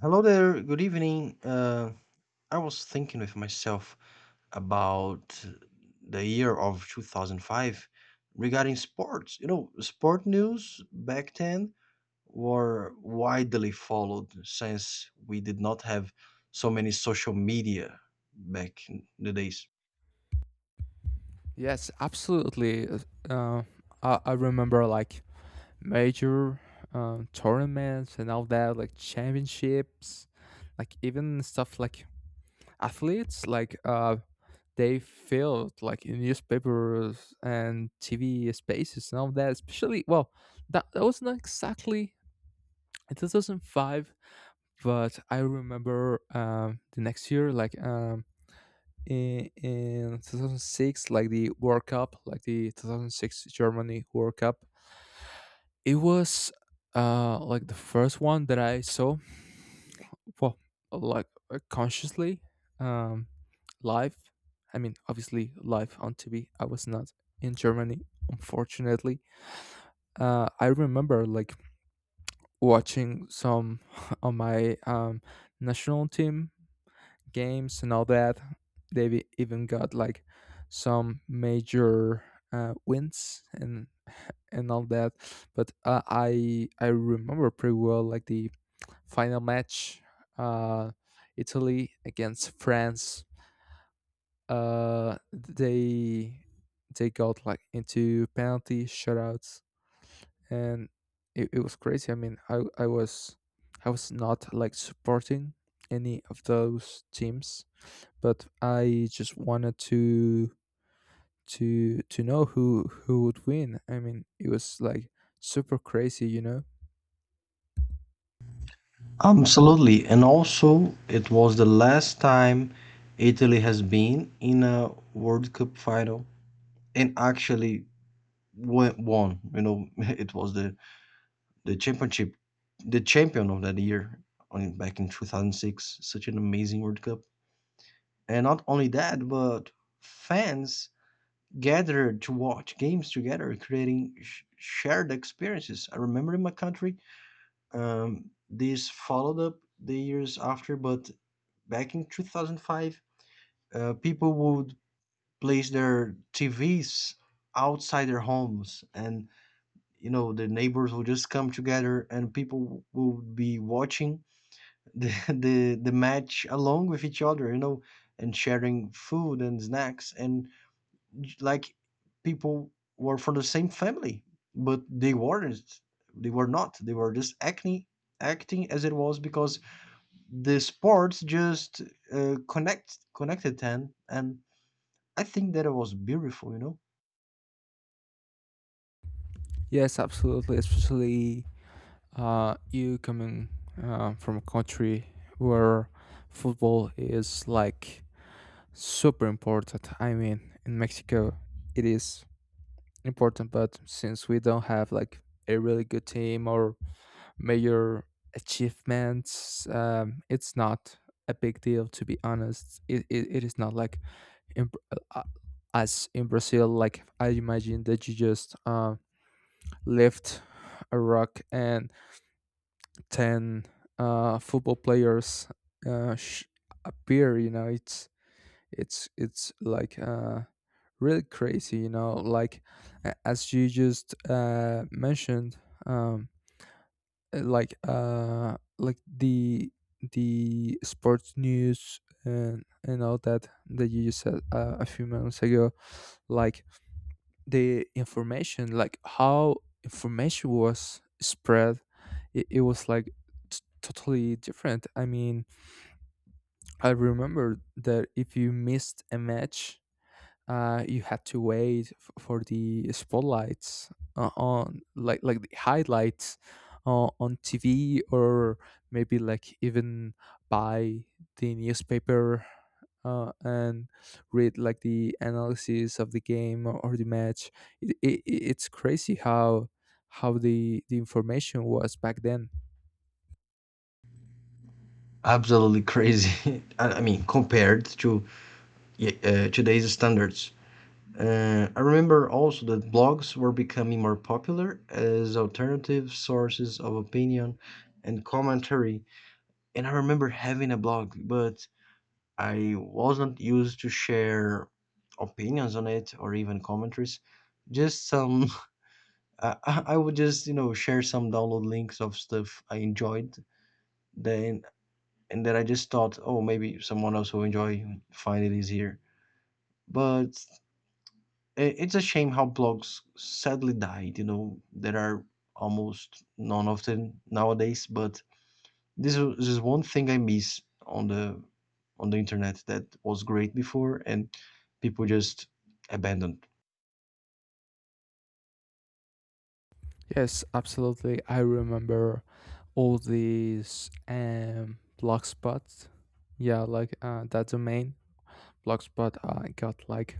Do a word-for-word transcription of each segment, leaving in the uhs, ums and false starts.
Hello there, good evening. Uh, I was thinking with myself about the year of two thousand five regarding sports. You know, sport news back then were widely followed since we did not have so many social media back in the days. Yes, absolutely. Uh, uh, I, I remember like major uh, tournaments and all that, like championships, like even stuff like athletes, like uh, they filled like in newspapers and T V spaces and all that. Especially, well, that that was not exactly in two thousand five, but I remember um, the next year, like um, in, in two thousand six, like the world cup, like the two thousand six germany world cup. It was uh like the first one that I saw, well, like uh, consciously, um live. I mean, obviously live on TV. I was not in germany, unfortunately. uh I remember like watching some on my um national team games and all that. They've e-, even got like some major uh, wins and and all that. But uh, I I remember pretty well like the final match, uh, Italy against France. Uh, they they got like into penalty shutouts, and it, it was crazy. I mean, I I was, I was not like supporting any of those teams, but I just wanted to to to know who who would win. I mean, it was like super crazy, you know. Absolutely. And also, it was the last time Italy has been in a World Cup final and actually went, won. You know, it was the the championship, the champion of that year on back in two thousand six. Such an amazing World Cup. And not only that, but fans gathered to watch games together, creating sh- shared experiences. I remember in my country, um, this followed up the years after, but back in two thousand five, uh, people would place their T Vs outside their homes, and you know the neighbors would just come together and people would be watching the the the match along with each other, you know, and sharing food and snacks and j- like people were from the same family, but they weren't. They were not. They were just acting acting as it was because the sports just uh, connect connected them, and I think that it was beautiful, you know. Yes, absolutely. Especially uh, you coming uh, from a country where football is like super important. I mean, in Mexico, it is important, but since we don't have like a really good team or major achievements. Um, it's not a big deal, to be honest. It, it, it is not like in, Br- uh, uh, as in Brazil. Like, I imagine that you just uh, lift a rock and ten uh, football players uh, sh- appear. You know, it's it's it's like uh really crazy, you know, like a- as you just uh mentioned, um uh, like uh like the the sports news and and all that that you just said uh, a few minutes ago. Like, the information, like how information was spread, it, it was like t- totally different. I mean, I remember that if you missed a match, uh, you had to wait f- for the spotlights uh, on like like the highlights uh, on T V, or maybe like even buy the newspaper, uh, and read like the analysis of the game or the match. It, it, it's crazy how how the the information was back then. Absolutely crazy. I, I mean, compared to yeah, uh, today's standards. Uh, I remember also that blogs were becoming more popular as alternative sources of opinion and commentary. And I remember having a blog, but I wasn't used to share opinions on it or even commentaries. Just some, I, I I would just, you know, share some download links of stuff I enjoyed. Then, and then I just thought, oh, maybe someone else will enjoy, find it easier. But I- it's a shame how blogs sadly died. You know, there are almost none of them nowadays. But this is this is one thing I miss on the on the internet that was great before, and people just abandoned Yes, absolutely. I remember all these um blog spots. Yeah, like uh, that domain blogspot uh, got like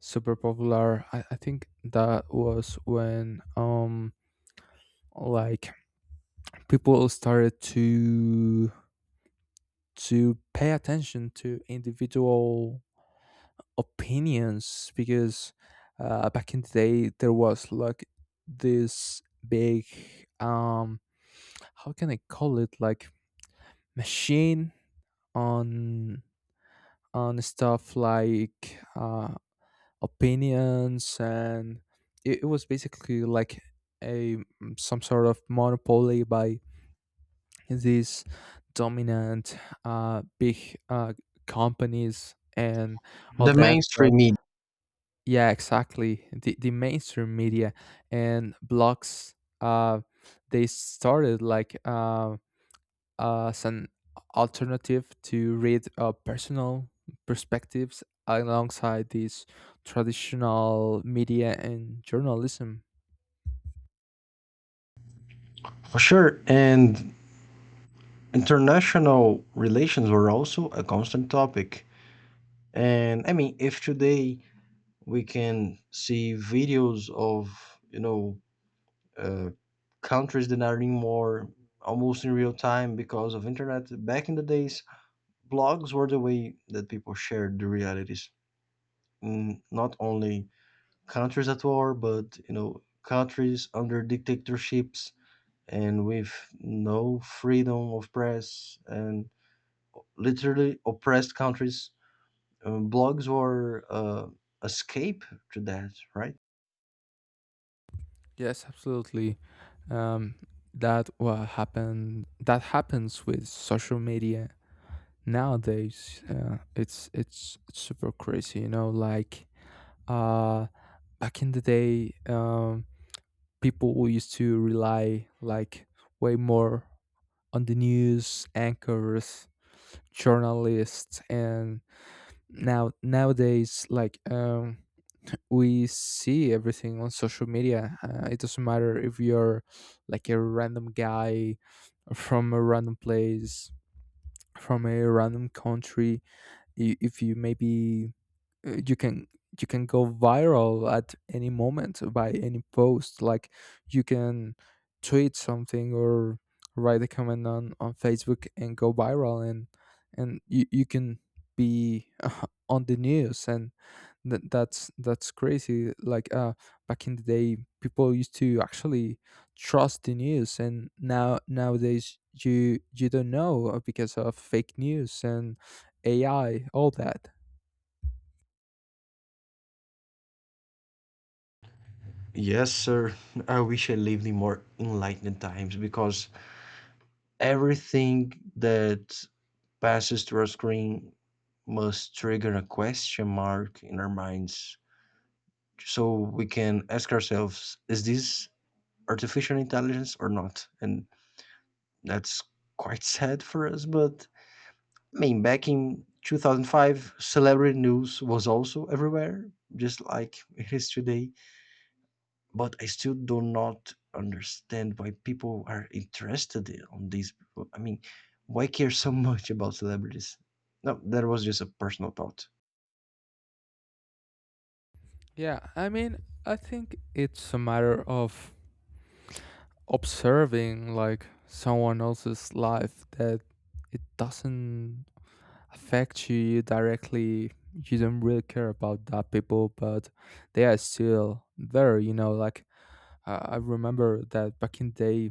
super popular. I, I think that was when um like people started to to pay attention to individual opinions, because uh, back in the day there was like this big, um how can I call it, like machine on on stuff like uh opinions. And it, it was basically like a, mm, some sort of monopoly by these dominant uh, big uh, companies and all the that. mainstream But media yeah, exactly, the, the mainstream media and blogs, uh, they started like uh, as an alternative to read uh, personal perspectives alongside these traditional media and journalism. for sure. And international relations were also a constant topic. And I mean, if today we can see videos of you know uh, countries that are in war almost in real time because of internet. Back in the days, blogs were the way that people shared the realities. Mm, not only countries at war, but you know countries under dictatorships and with no freedom of press and literally oppressed countries. Um, blogs were uh, escape to that, right? Yes, absolutely. Um, that what happened. That happens with social media nowadays. Uh, it's it's it's super crazy. You know, like uh, back in the day, um, people who used to rely like way more on the news anchors, journalists. And now nowadays, like um we see everything on social media. Uh, it doesn't matter if you're like a random guy from a random place from a random country. I- if you maybe uh, you can, you can go viral at any moment by any post. Like, you can tweet something or write a comment on on facebook and go viral, and and you, you can be uh, on the news, and th- that's that's crazy. Like uh back in the day people used to actually trust the news, and now nowadays you you don't know, uh, because of fake news and AI, all that. Yes, sir. I wish I lived in more enlightened times because everything that passes through our screen must trigger a question mark in our minds, so we can ask ourselves, is this artificial intelligence or not? And that's quite sad for us. But I mean, back in two thousand five celebrity news was also everywhere just like it is today, but I still do not understand why people are interested in- on these. I mean, why care so much about celebrities? No, that was just a personal thought. Yeah, I mean, I think it's a matter of observing like someone else's life that it doesn't affect you directly. You don't really care about that people, but they are still there, you know, like uh, I remember that back in day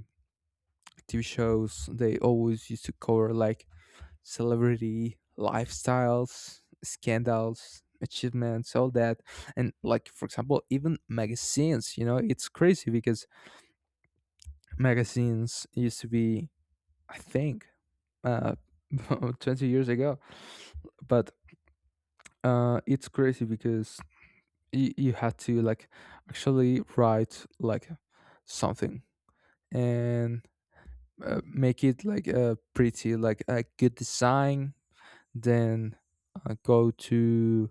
T V shows they always used to cover like celebrity lifestyles, scandals, achievements, all that. And like for example even magazines, you know, it's crazy because magazines used to be, I think, uh twenty years ago. But uh it's crazy because you, you had to like actually write like something, and uh, make it like uh, pretty, like a good design, then uh, go to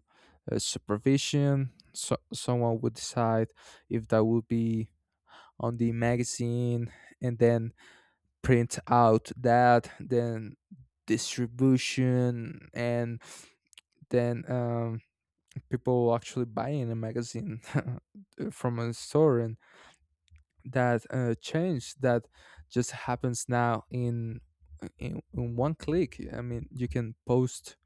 uh, supervision. So someone would decide if that would be on the magazine, and then print out that, then distribution, and then um, people actually buying a magazine from a store. And that uh, change that just happens now in, in in one click. I mean, you can post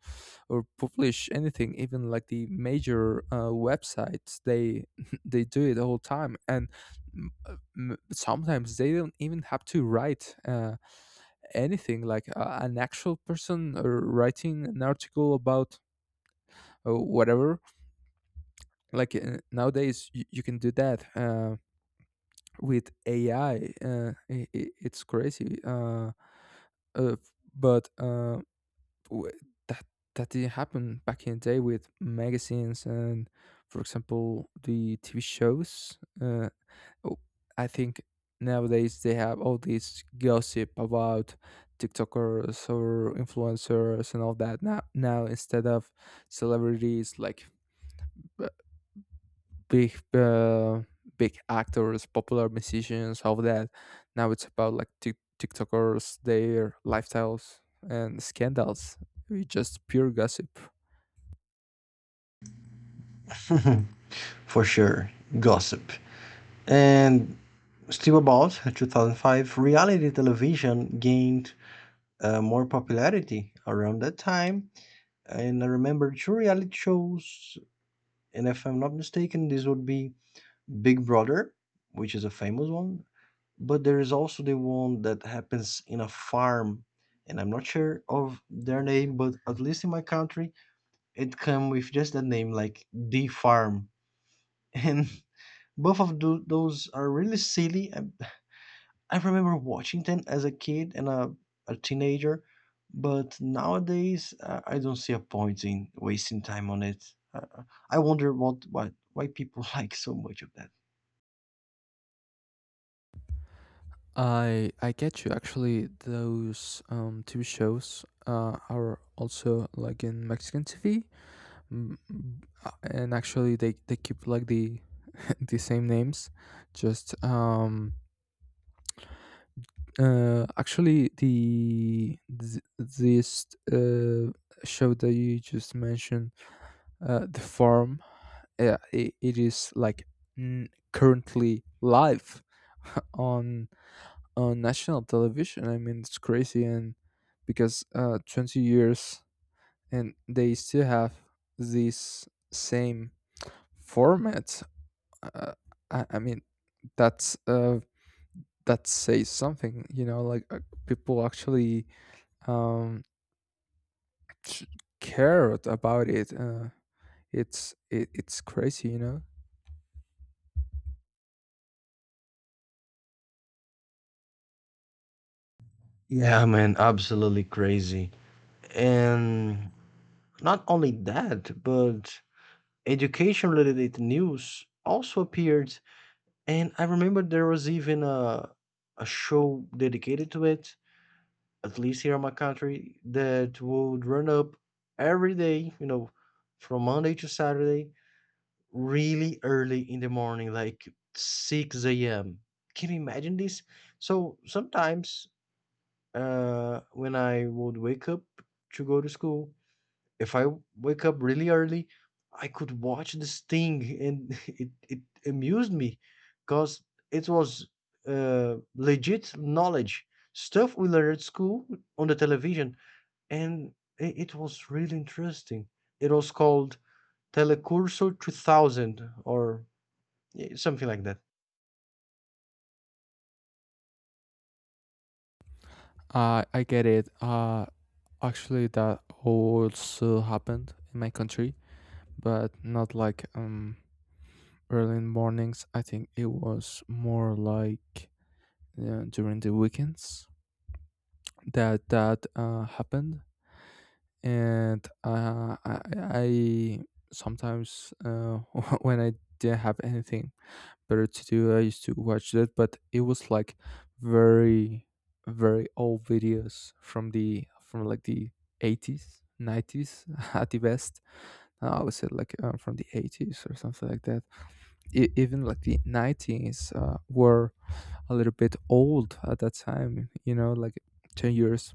or publish anything, even like the major uh, websites, they they do it all time. And m- uh, m- sometimes they don't even have to write uh, anything, like uh, an actual person or writing an article about uh, whatever. Like uh, nowadays you, you can do that. Uh, with A I. Uh, I I it's crazy. Uh, uh, but uh, w- that that didn't happen back in the day with magazines, and, for example, the T V shows. Uh, oh, I think nowadays they have all this gossip about TikTokers or influencers and all that. Now, now, instead of celebrities like big uh, big actors, popular musicians, all that. Now it's about like Tik TikTokers, their lifestyles and scandals. It's just pure gossip. For sure, gossip. And still about twenty oh five, reality television gained uh, more popularity around that time. And I remember two reality shows, and if I'm not mistaken, this would be Big Brother, which is a famous one. But there is also the one that happens in a farm, and I'm not sure of their name, but at least in my country, it come with just that name, like the farm. And both of tho- those are really silly. I remember watching them as a kid and a, a teenager, but nowadays uh, I don't see a point in wasting time on it. Uh, uh, I wonder what, what why people like so much of that. I I get you. Actually, those um, T V shows uh, are also like in Mexican T V. Mm, uh, and actually they they keep like the the same names, just um uh, actually, the th- this uh, show that you just mentioned, uh, the farm, uh, it, it is like n- currently live on on national television. I mean, it's crazy. And because uh, twenty years, and they still have this same format. Uh, I, I mean, that's uh, that says something. You know, like uh, people actually um ch- cared about it. Uh it's it, it's crazy, you know. Yeah, man, absolutely crazy. And not only that, but education related news also appeared, and I remember there was even a, a show dedicated to it, at least here in my country, that would run up every day, you know, from Monday to Saturday, really early in the morning, like six a.m. Can you imagine this? So sometimes uh when I would wake up to go to school, if I wake up really early, I could watch this thing, and it it amused me, cause it was, uh, legit knowledge, stuff we learned at school on the television, and it it was really interesting. It was called Telecurso two thousand, or, eh, something like that. Uh, I get it. Uh, actually, that also happened in my country, but not like um early in mornings. I think it was more like uh, during the weekends. that that uh, happened. And uh, I, I sometimes uh, when I didn't have anything better to do, I used to watch that. But it was like very very old videos, from the, from like the eighties, nineties at the best, I would say like uh, from the eighties or something like that. E- even like the nineties uh, were a little bit old at that time, you know, like ten years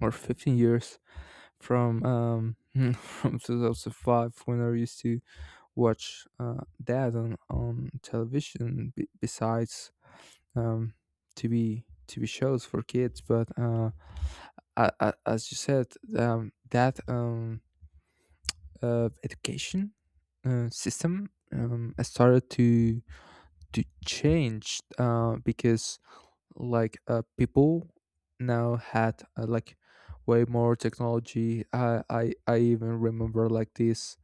or fifteen years from um from two thousand five when I used to watch uh, that on on television. B- besides um T V T V shows for kids. But uh, I, I, as you said, um, that um uh, education uh, system um has started to to change, uh because like uh people now had, uh, like way more technology. I, I I even remember like this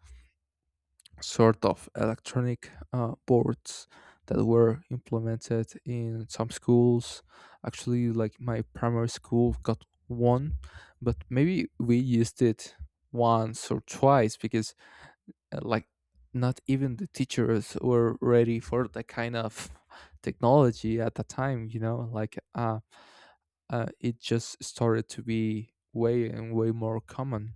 sort of electronic uh, boards that were implemented in some schools. Actually, like my primary school got one, but maybe we used it once or twice, because uh, like not even the teachers were ready for that kind of technology at the time. You know, like uh, uh, it just started to be way and way more common.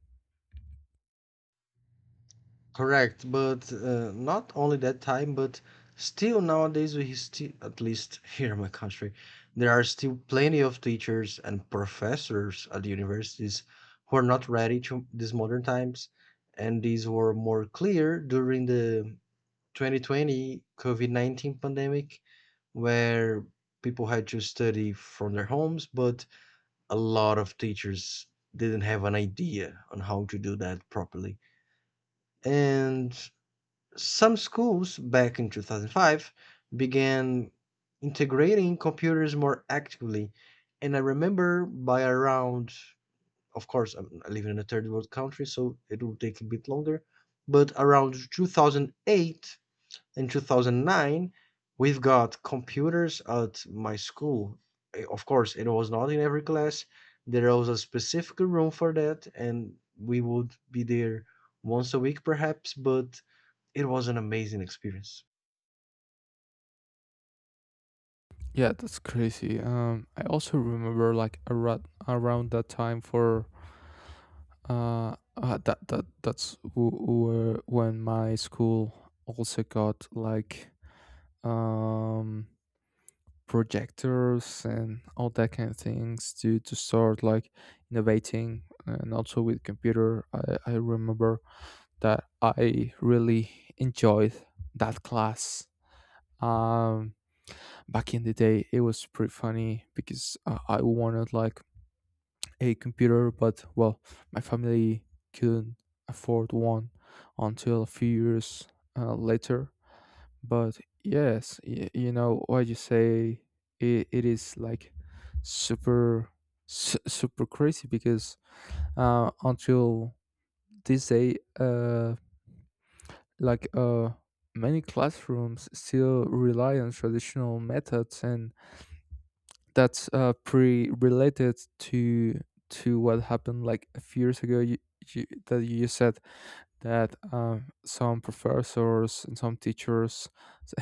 Correct, but uh, not only that time, but still nowadays we still, at least here in my country, there are still plenty of teachers and professors at the universities who are not ready to these modern times, and these were more clear during the twenty twenty COVID nineteen pandemic, where people had to study from their homes, but a lot of teachers didn't have an idea on how to do that properly. And some schools back in twenty oh five began integrating computers more actively. And I remember by around, of course, I'm living in a third world country, so it will take a bit longer, but around two thousand eight, in two thousand nine we've got computers at my school. Eh, of course it was not in every class, there was a specific room for that, and we would be there once a week perhaps, but it was an amazing experience Yeah, that's crazy. Um, I also remember like around around that time for uh, uh that that that's w- w- when my school also got like um projectors and all that kind of things to to start like innovating, and also with computer. I I remember that I really enjoyed that class. Um, back in the day, it was pretty funny because uh, I wanted like a computer, but well, my family couldn't afford one until a few years uh, later. But yes, y- you know what you say. It, it is like super su- super crazy, because uh, until this day, uh, like uh, many classrooms still rely on traditional methods. And that's uh, pretty related to to what happened like a few years ago. You, you, that you said that um, some professors and some teachers,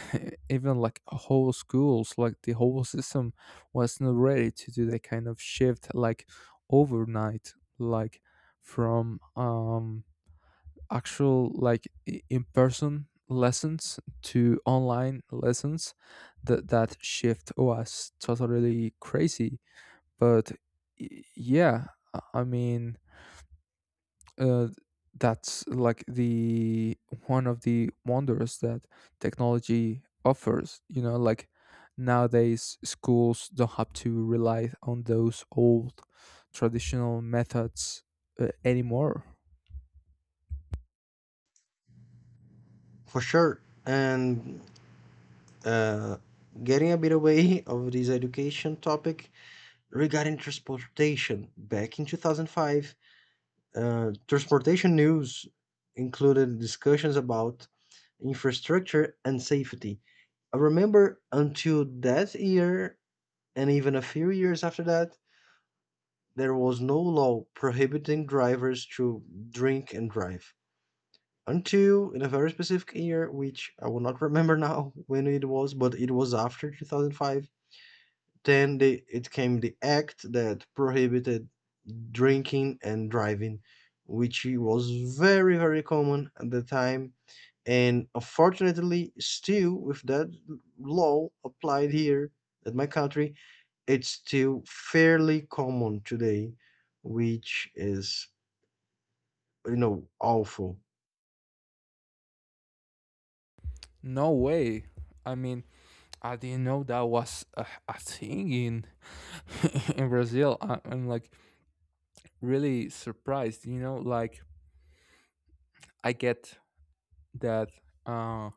even like whole schools, like the whole system, was not ready to do that kind of shift like overnight, like from um, actual like i- in-person lessons to online lessons. That that shift was totally crazy. but y- yeah, i I mean, uh, that's like the one of the wonders that technology offers. You know, like nowadays schools don't have to rely on those old traditional methods uh, anymore. for sure. And uh, getting a bit away of this education topic, regarding transportation back in twenty oh five, uh, transportation news included discussions about infrastructure and safety. I remember until that year, and even a few years after that, there was no law prohibiting drivers to drink and drive. Until in a very specific year, which I will not remember now when it was, but it was after two thousand five, then they, it came the act that prohibited drinking and driving, which was very, very common at the time. And unfortunately, still with that law applied here at my country, it's still fairly common today, which is, you know, awful. No way. I mean, I didn't know that was a, a thing in in Brazil. I, I'm like really surprised. You know, like I get that uh,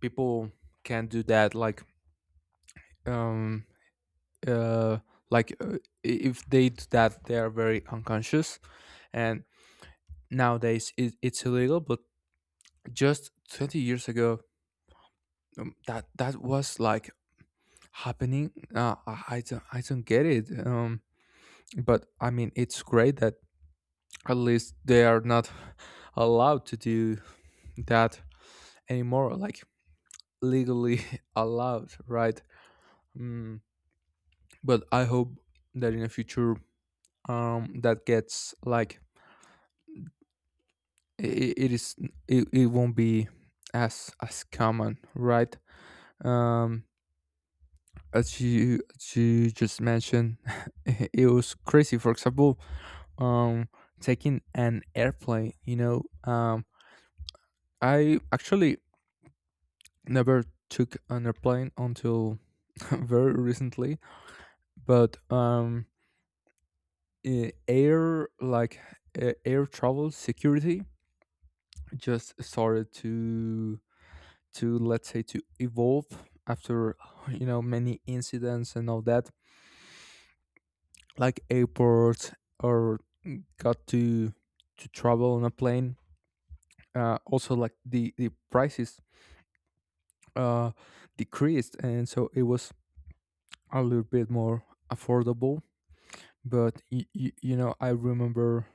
people can do that. Like um uh like uh, I- if they do that, they are very unconscious. And nowadays it, it's illegal. But just twenty years ago, um, that that was like happening. Uh, I I don't I don't get it. Um, but I mean, it's great that at least they are not allowed to do that anymore, like legally allowed, right? Mm, but I hope that in the future um that gets like it, it is it, it won't be as as common, right? um as you as you just mentioned, it was crazy. For example, um taking an airplane, you know um I actually never took an airplane until, very recently. But um, eh, air like eh, air travel security just started to to, let's say, to evolve after you know many incidents and all that. Like airports, or got to to travel on a plane. Uh, also, like the the prices uh, decreased, and so it was a little bit more affordable. But y- y- you know, I remember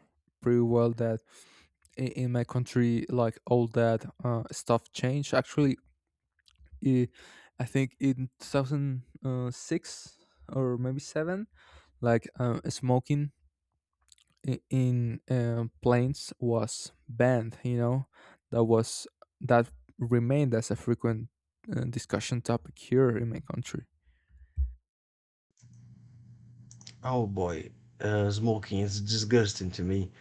pretty well that i- in my country, like all that uh, stuff changed. Actually, i I think in two thousand six or maybe seven, like uh, smoking i- in uh, planes was banned. You know, that was that remained as a frequent uh, discussion topic here in my country. Oh boy, uh, smoking is disgusting to me.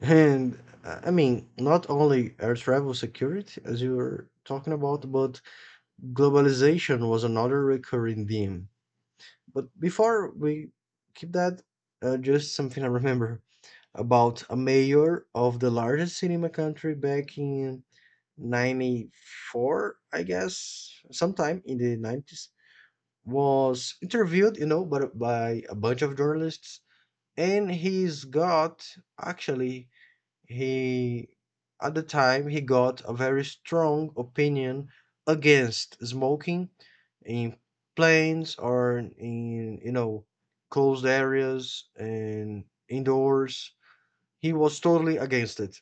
And uh, I mean, not only air travel security, as you were talking about, but globalization was another recurring theme. But before we keep that, uh, just something I remember about a mayor of the largest city in my country back in ninety-four, I guess, sometime in the nineties, was interviewed, you know, but by a bunch of journalists. And he's got actually, he at the time he got a very strong opinion against smoking in planes or in you know closed areas and indoors. He was totally against it.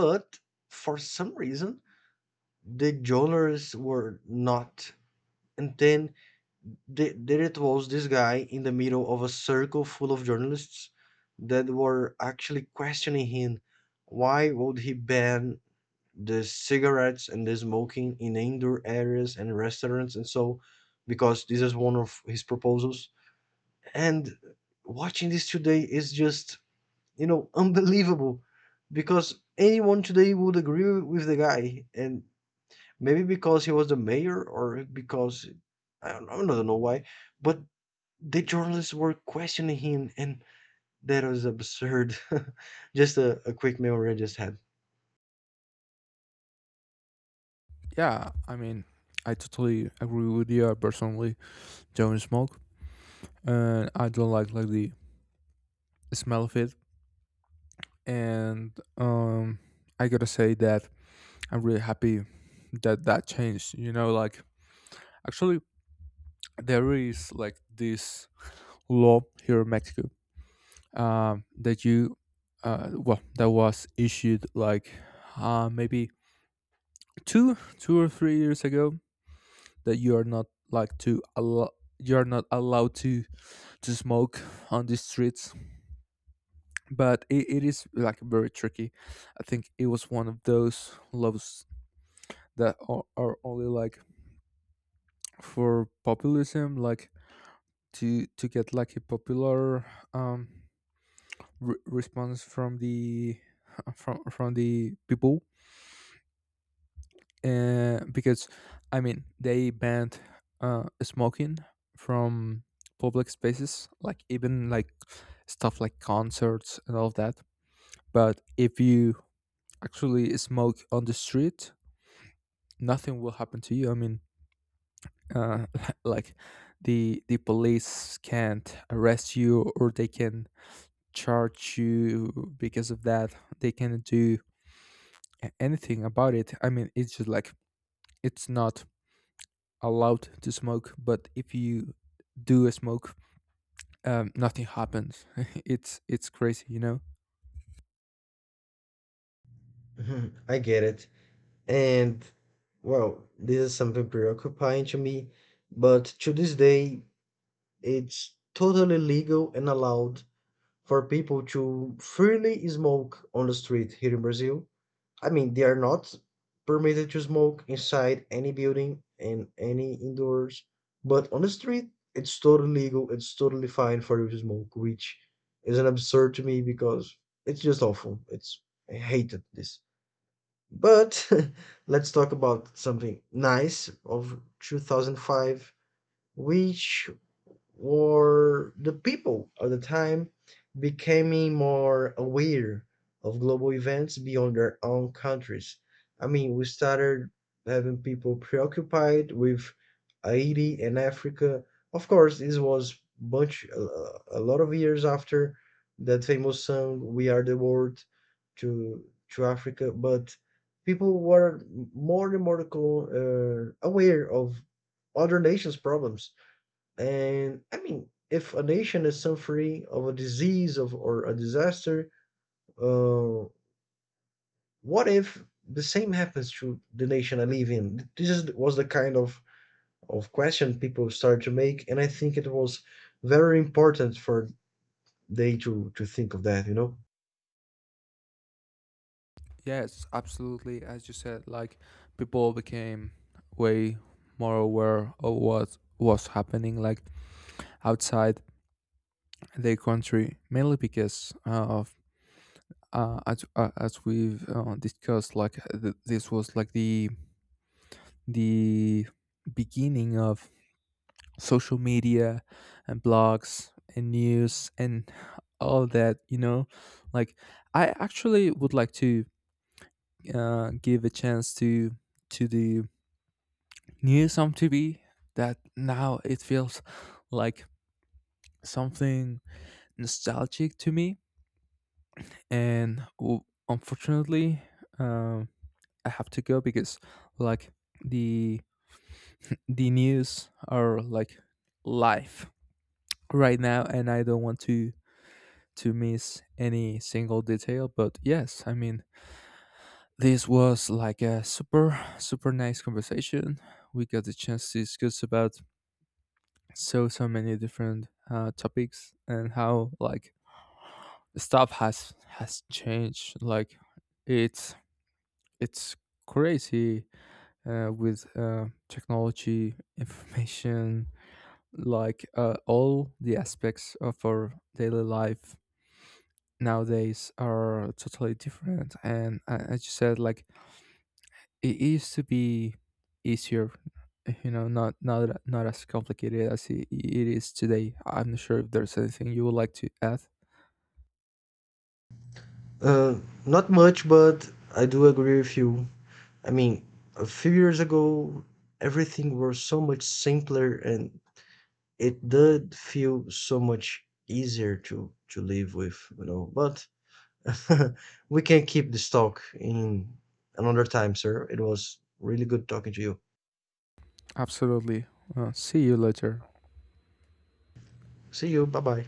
But for some reason the journalists were not. And then the, there it was this guy in the middle of a circle full of journalists that were actually questioning him why would he ban the cigarettes and the smoking in indoor areas and restaurants and so, because this is one of his proposals. And watching this today is just, you know, unbelievable, because anyone today would agree with the guy, and maybe because he was the mayor or because I don't, I don't know why, but the journalists were questioning him, and that was absurd. Just a, a quick memory I just had. Yeah, I mean, I totally agree with you. I personally don't smoke, and I don't like like the smell of it. And um I gotta say that I'm really happy that that changed, you know like actually. There is like this law here in Mexico um that you uh well that was issued like uh maybe two two or three years ago, that you are not like to allow you're not allowed to to smoke on the streets. But it, it is, like, very tricky. I think it was one of those laws that are, are only, like, for populism, like to to get like a popular um re- response from the from from the people. Uh, because I mean, they banned uh smoking from public spaces, like even like stuff like concerts and all of that. But if you actually smoke on the street, nothing will happen to you. I mean, uh, like the the police can't arrest you, or they can charge you because of that. They can't do a- anything about it. I mean, it's just like it's not allowed to smoke, but if you do a smoke, um, nothing happens. it's it's crazy you know Mhm, I get it. And well, this is something preoccupying to me, but to this day, it's totally legal and allowed for people to freely smoke on the street here in Brazil. I mean, they are not permitted to smoke inside any building and any indoors, but on the street, it's totally legal, it's totally fine for you to smoke, which is an absurd to me because it's just awful. It's I hated this. But let's talk about something nice of two thousand five, which were the people of the time becoming more aware of global events beyond their own countries. I mean, we started having people preoccupied with Haiti and Africa. Of course, this was bunch uh, a lot of years after that famous song "We Are the World" to to Africa, but people were more and more co- uh, aware of other nations' problems. And I mean, if a nation is suffering of a disease of or a disaster, uh, what if the same happens to the nation I live in? This is, was the kind of of question people started to make, and I think it was very important for they to to think of that. You know, Yes, absolutely. As you said, like, people became way more aware of what was happening, like outside their country, mainly because uh, of uh, as, uh, as we've uh, discussed. Like uh, th- this was like the the beginning of social media and blogs and news and all that. You know like, I actually would like to uh, give a chance to to the news on TV, that now it feels like something nostalgic to me. And w- unfortunately, um, I have to go because, like, the the news are like live right now, and I don't want to to miss any single detail. But yes, I mean, this was like a super super nice conversation. We got the chance to discuss about so so many different uh, topics, and how like stuff has has changed. Like it's it's crazy uh, with uh, technology, information, like uh, all the aspects of our daily life nowadays are totally different. And uh, as you said, like, it used to be easier, you know, not not not as complicated as it, it is today. I'm not sure if there's anything you would like to add. uh, not much, but I do agree with you. I mean, a few years ago, everything was so much simpler and it did feel so much easier to to live with, you know. But we can keep this talk in another time, sir. It was really good talking to you. Absolutely. Uh, see you later. See you. Bye bye.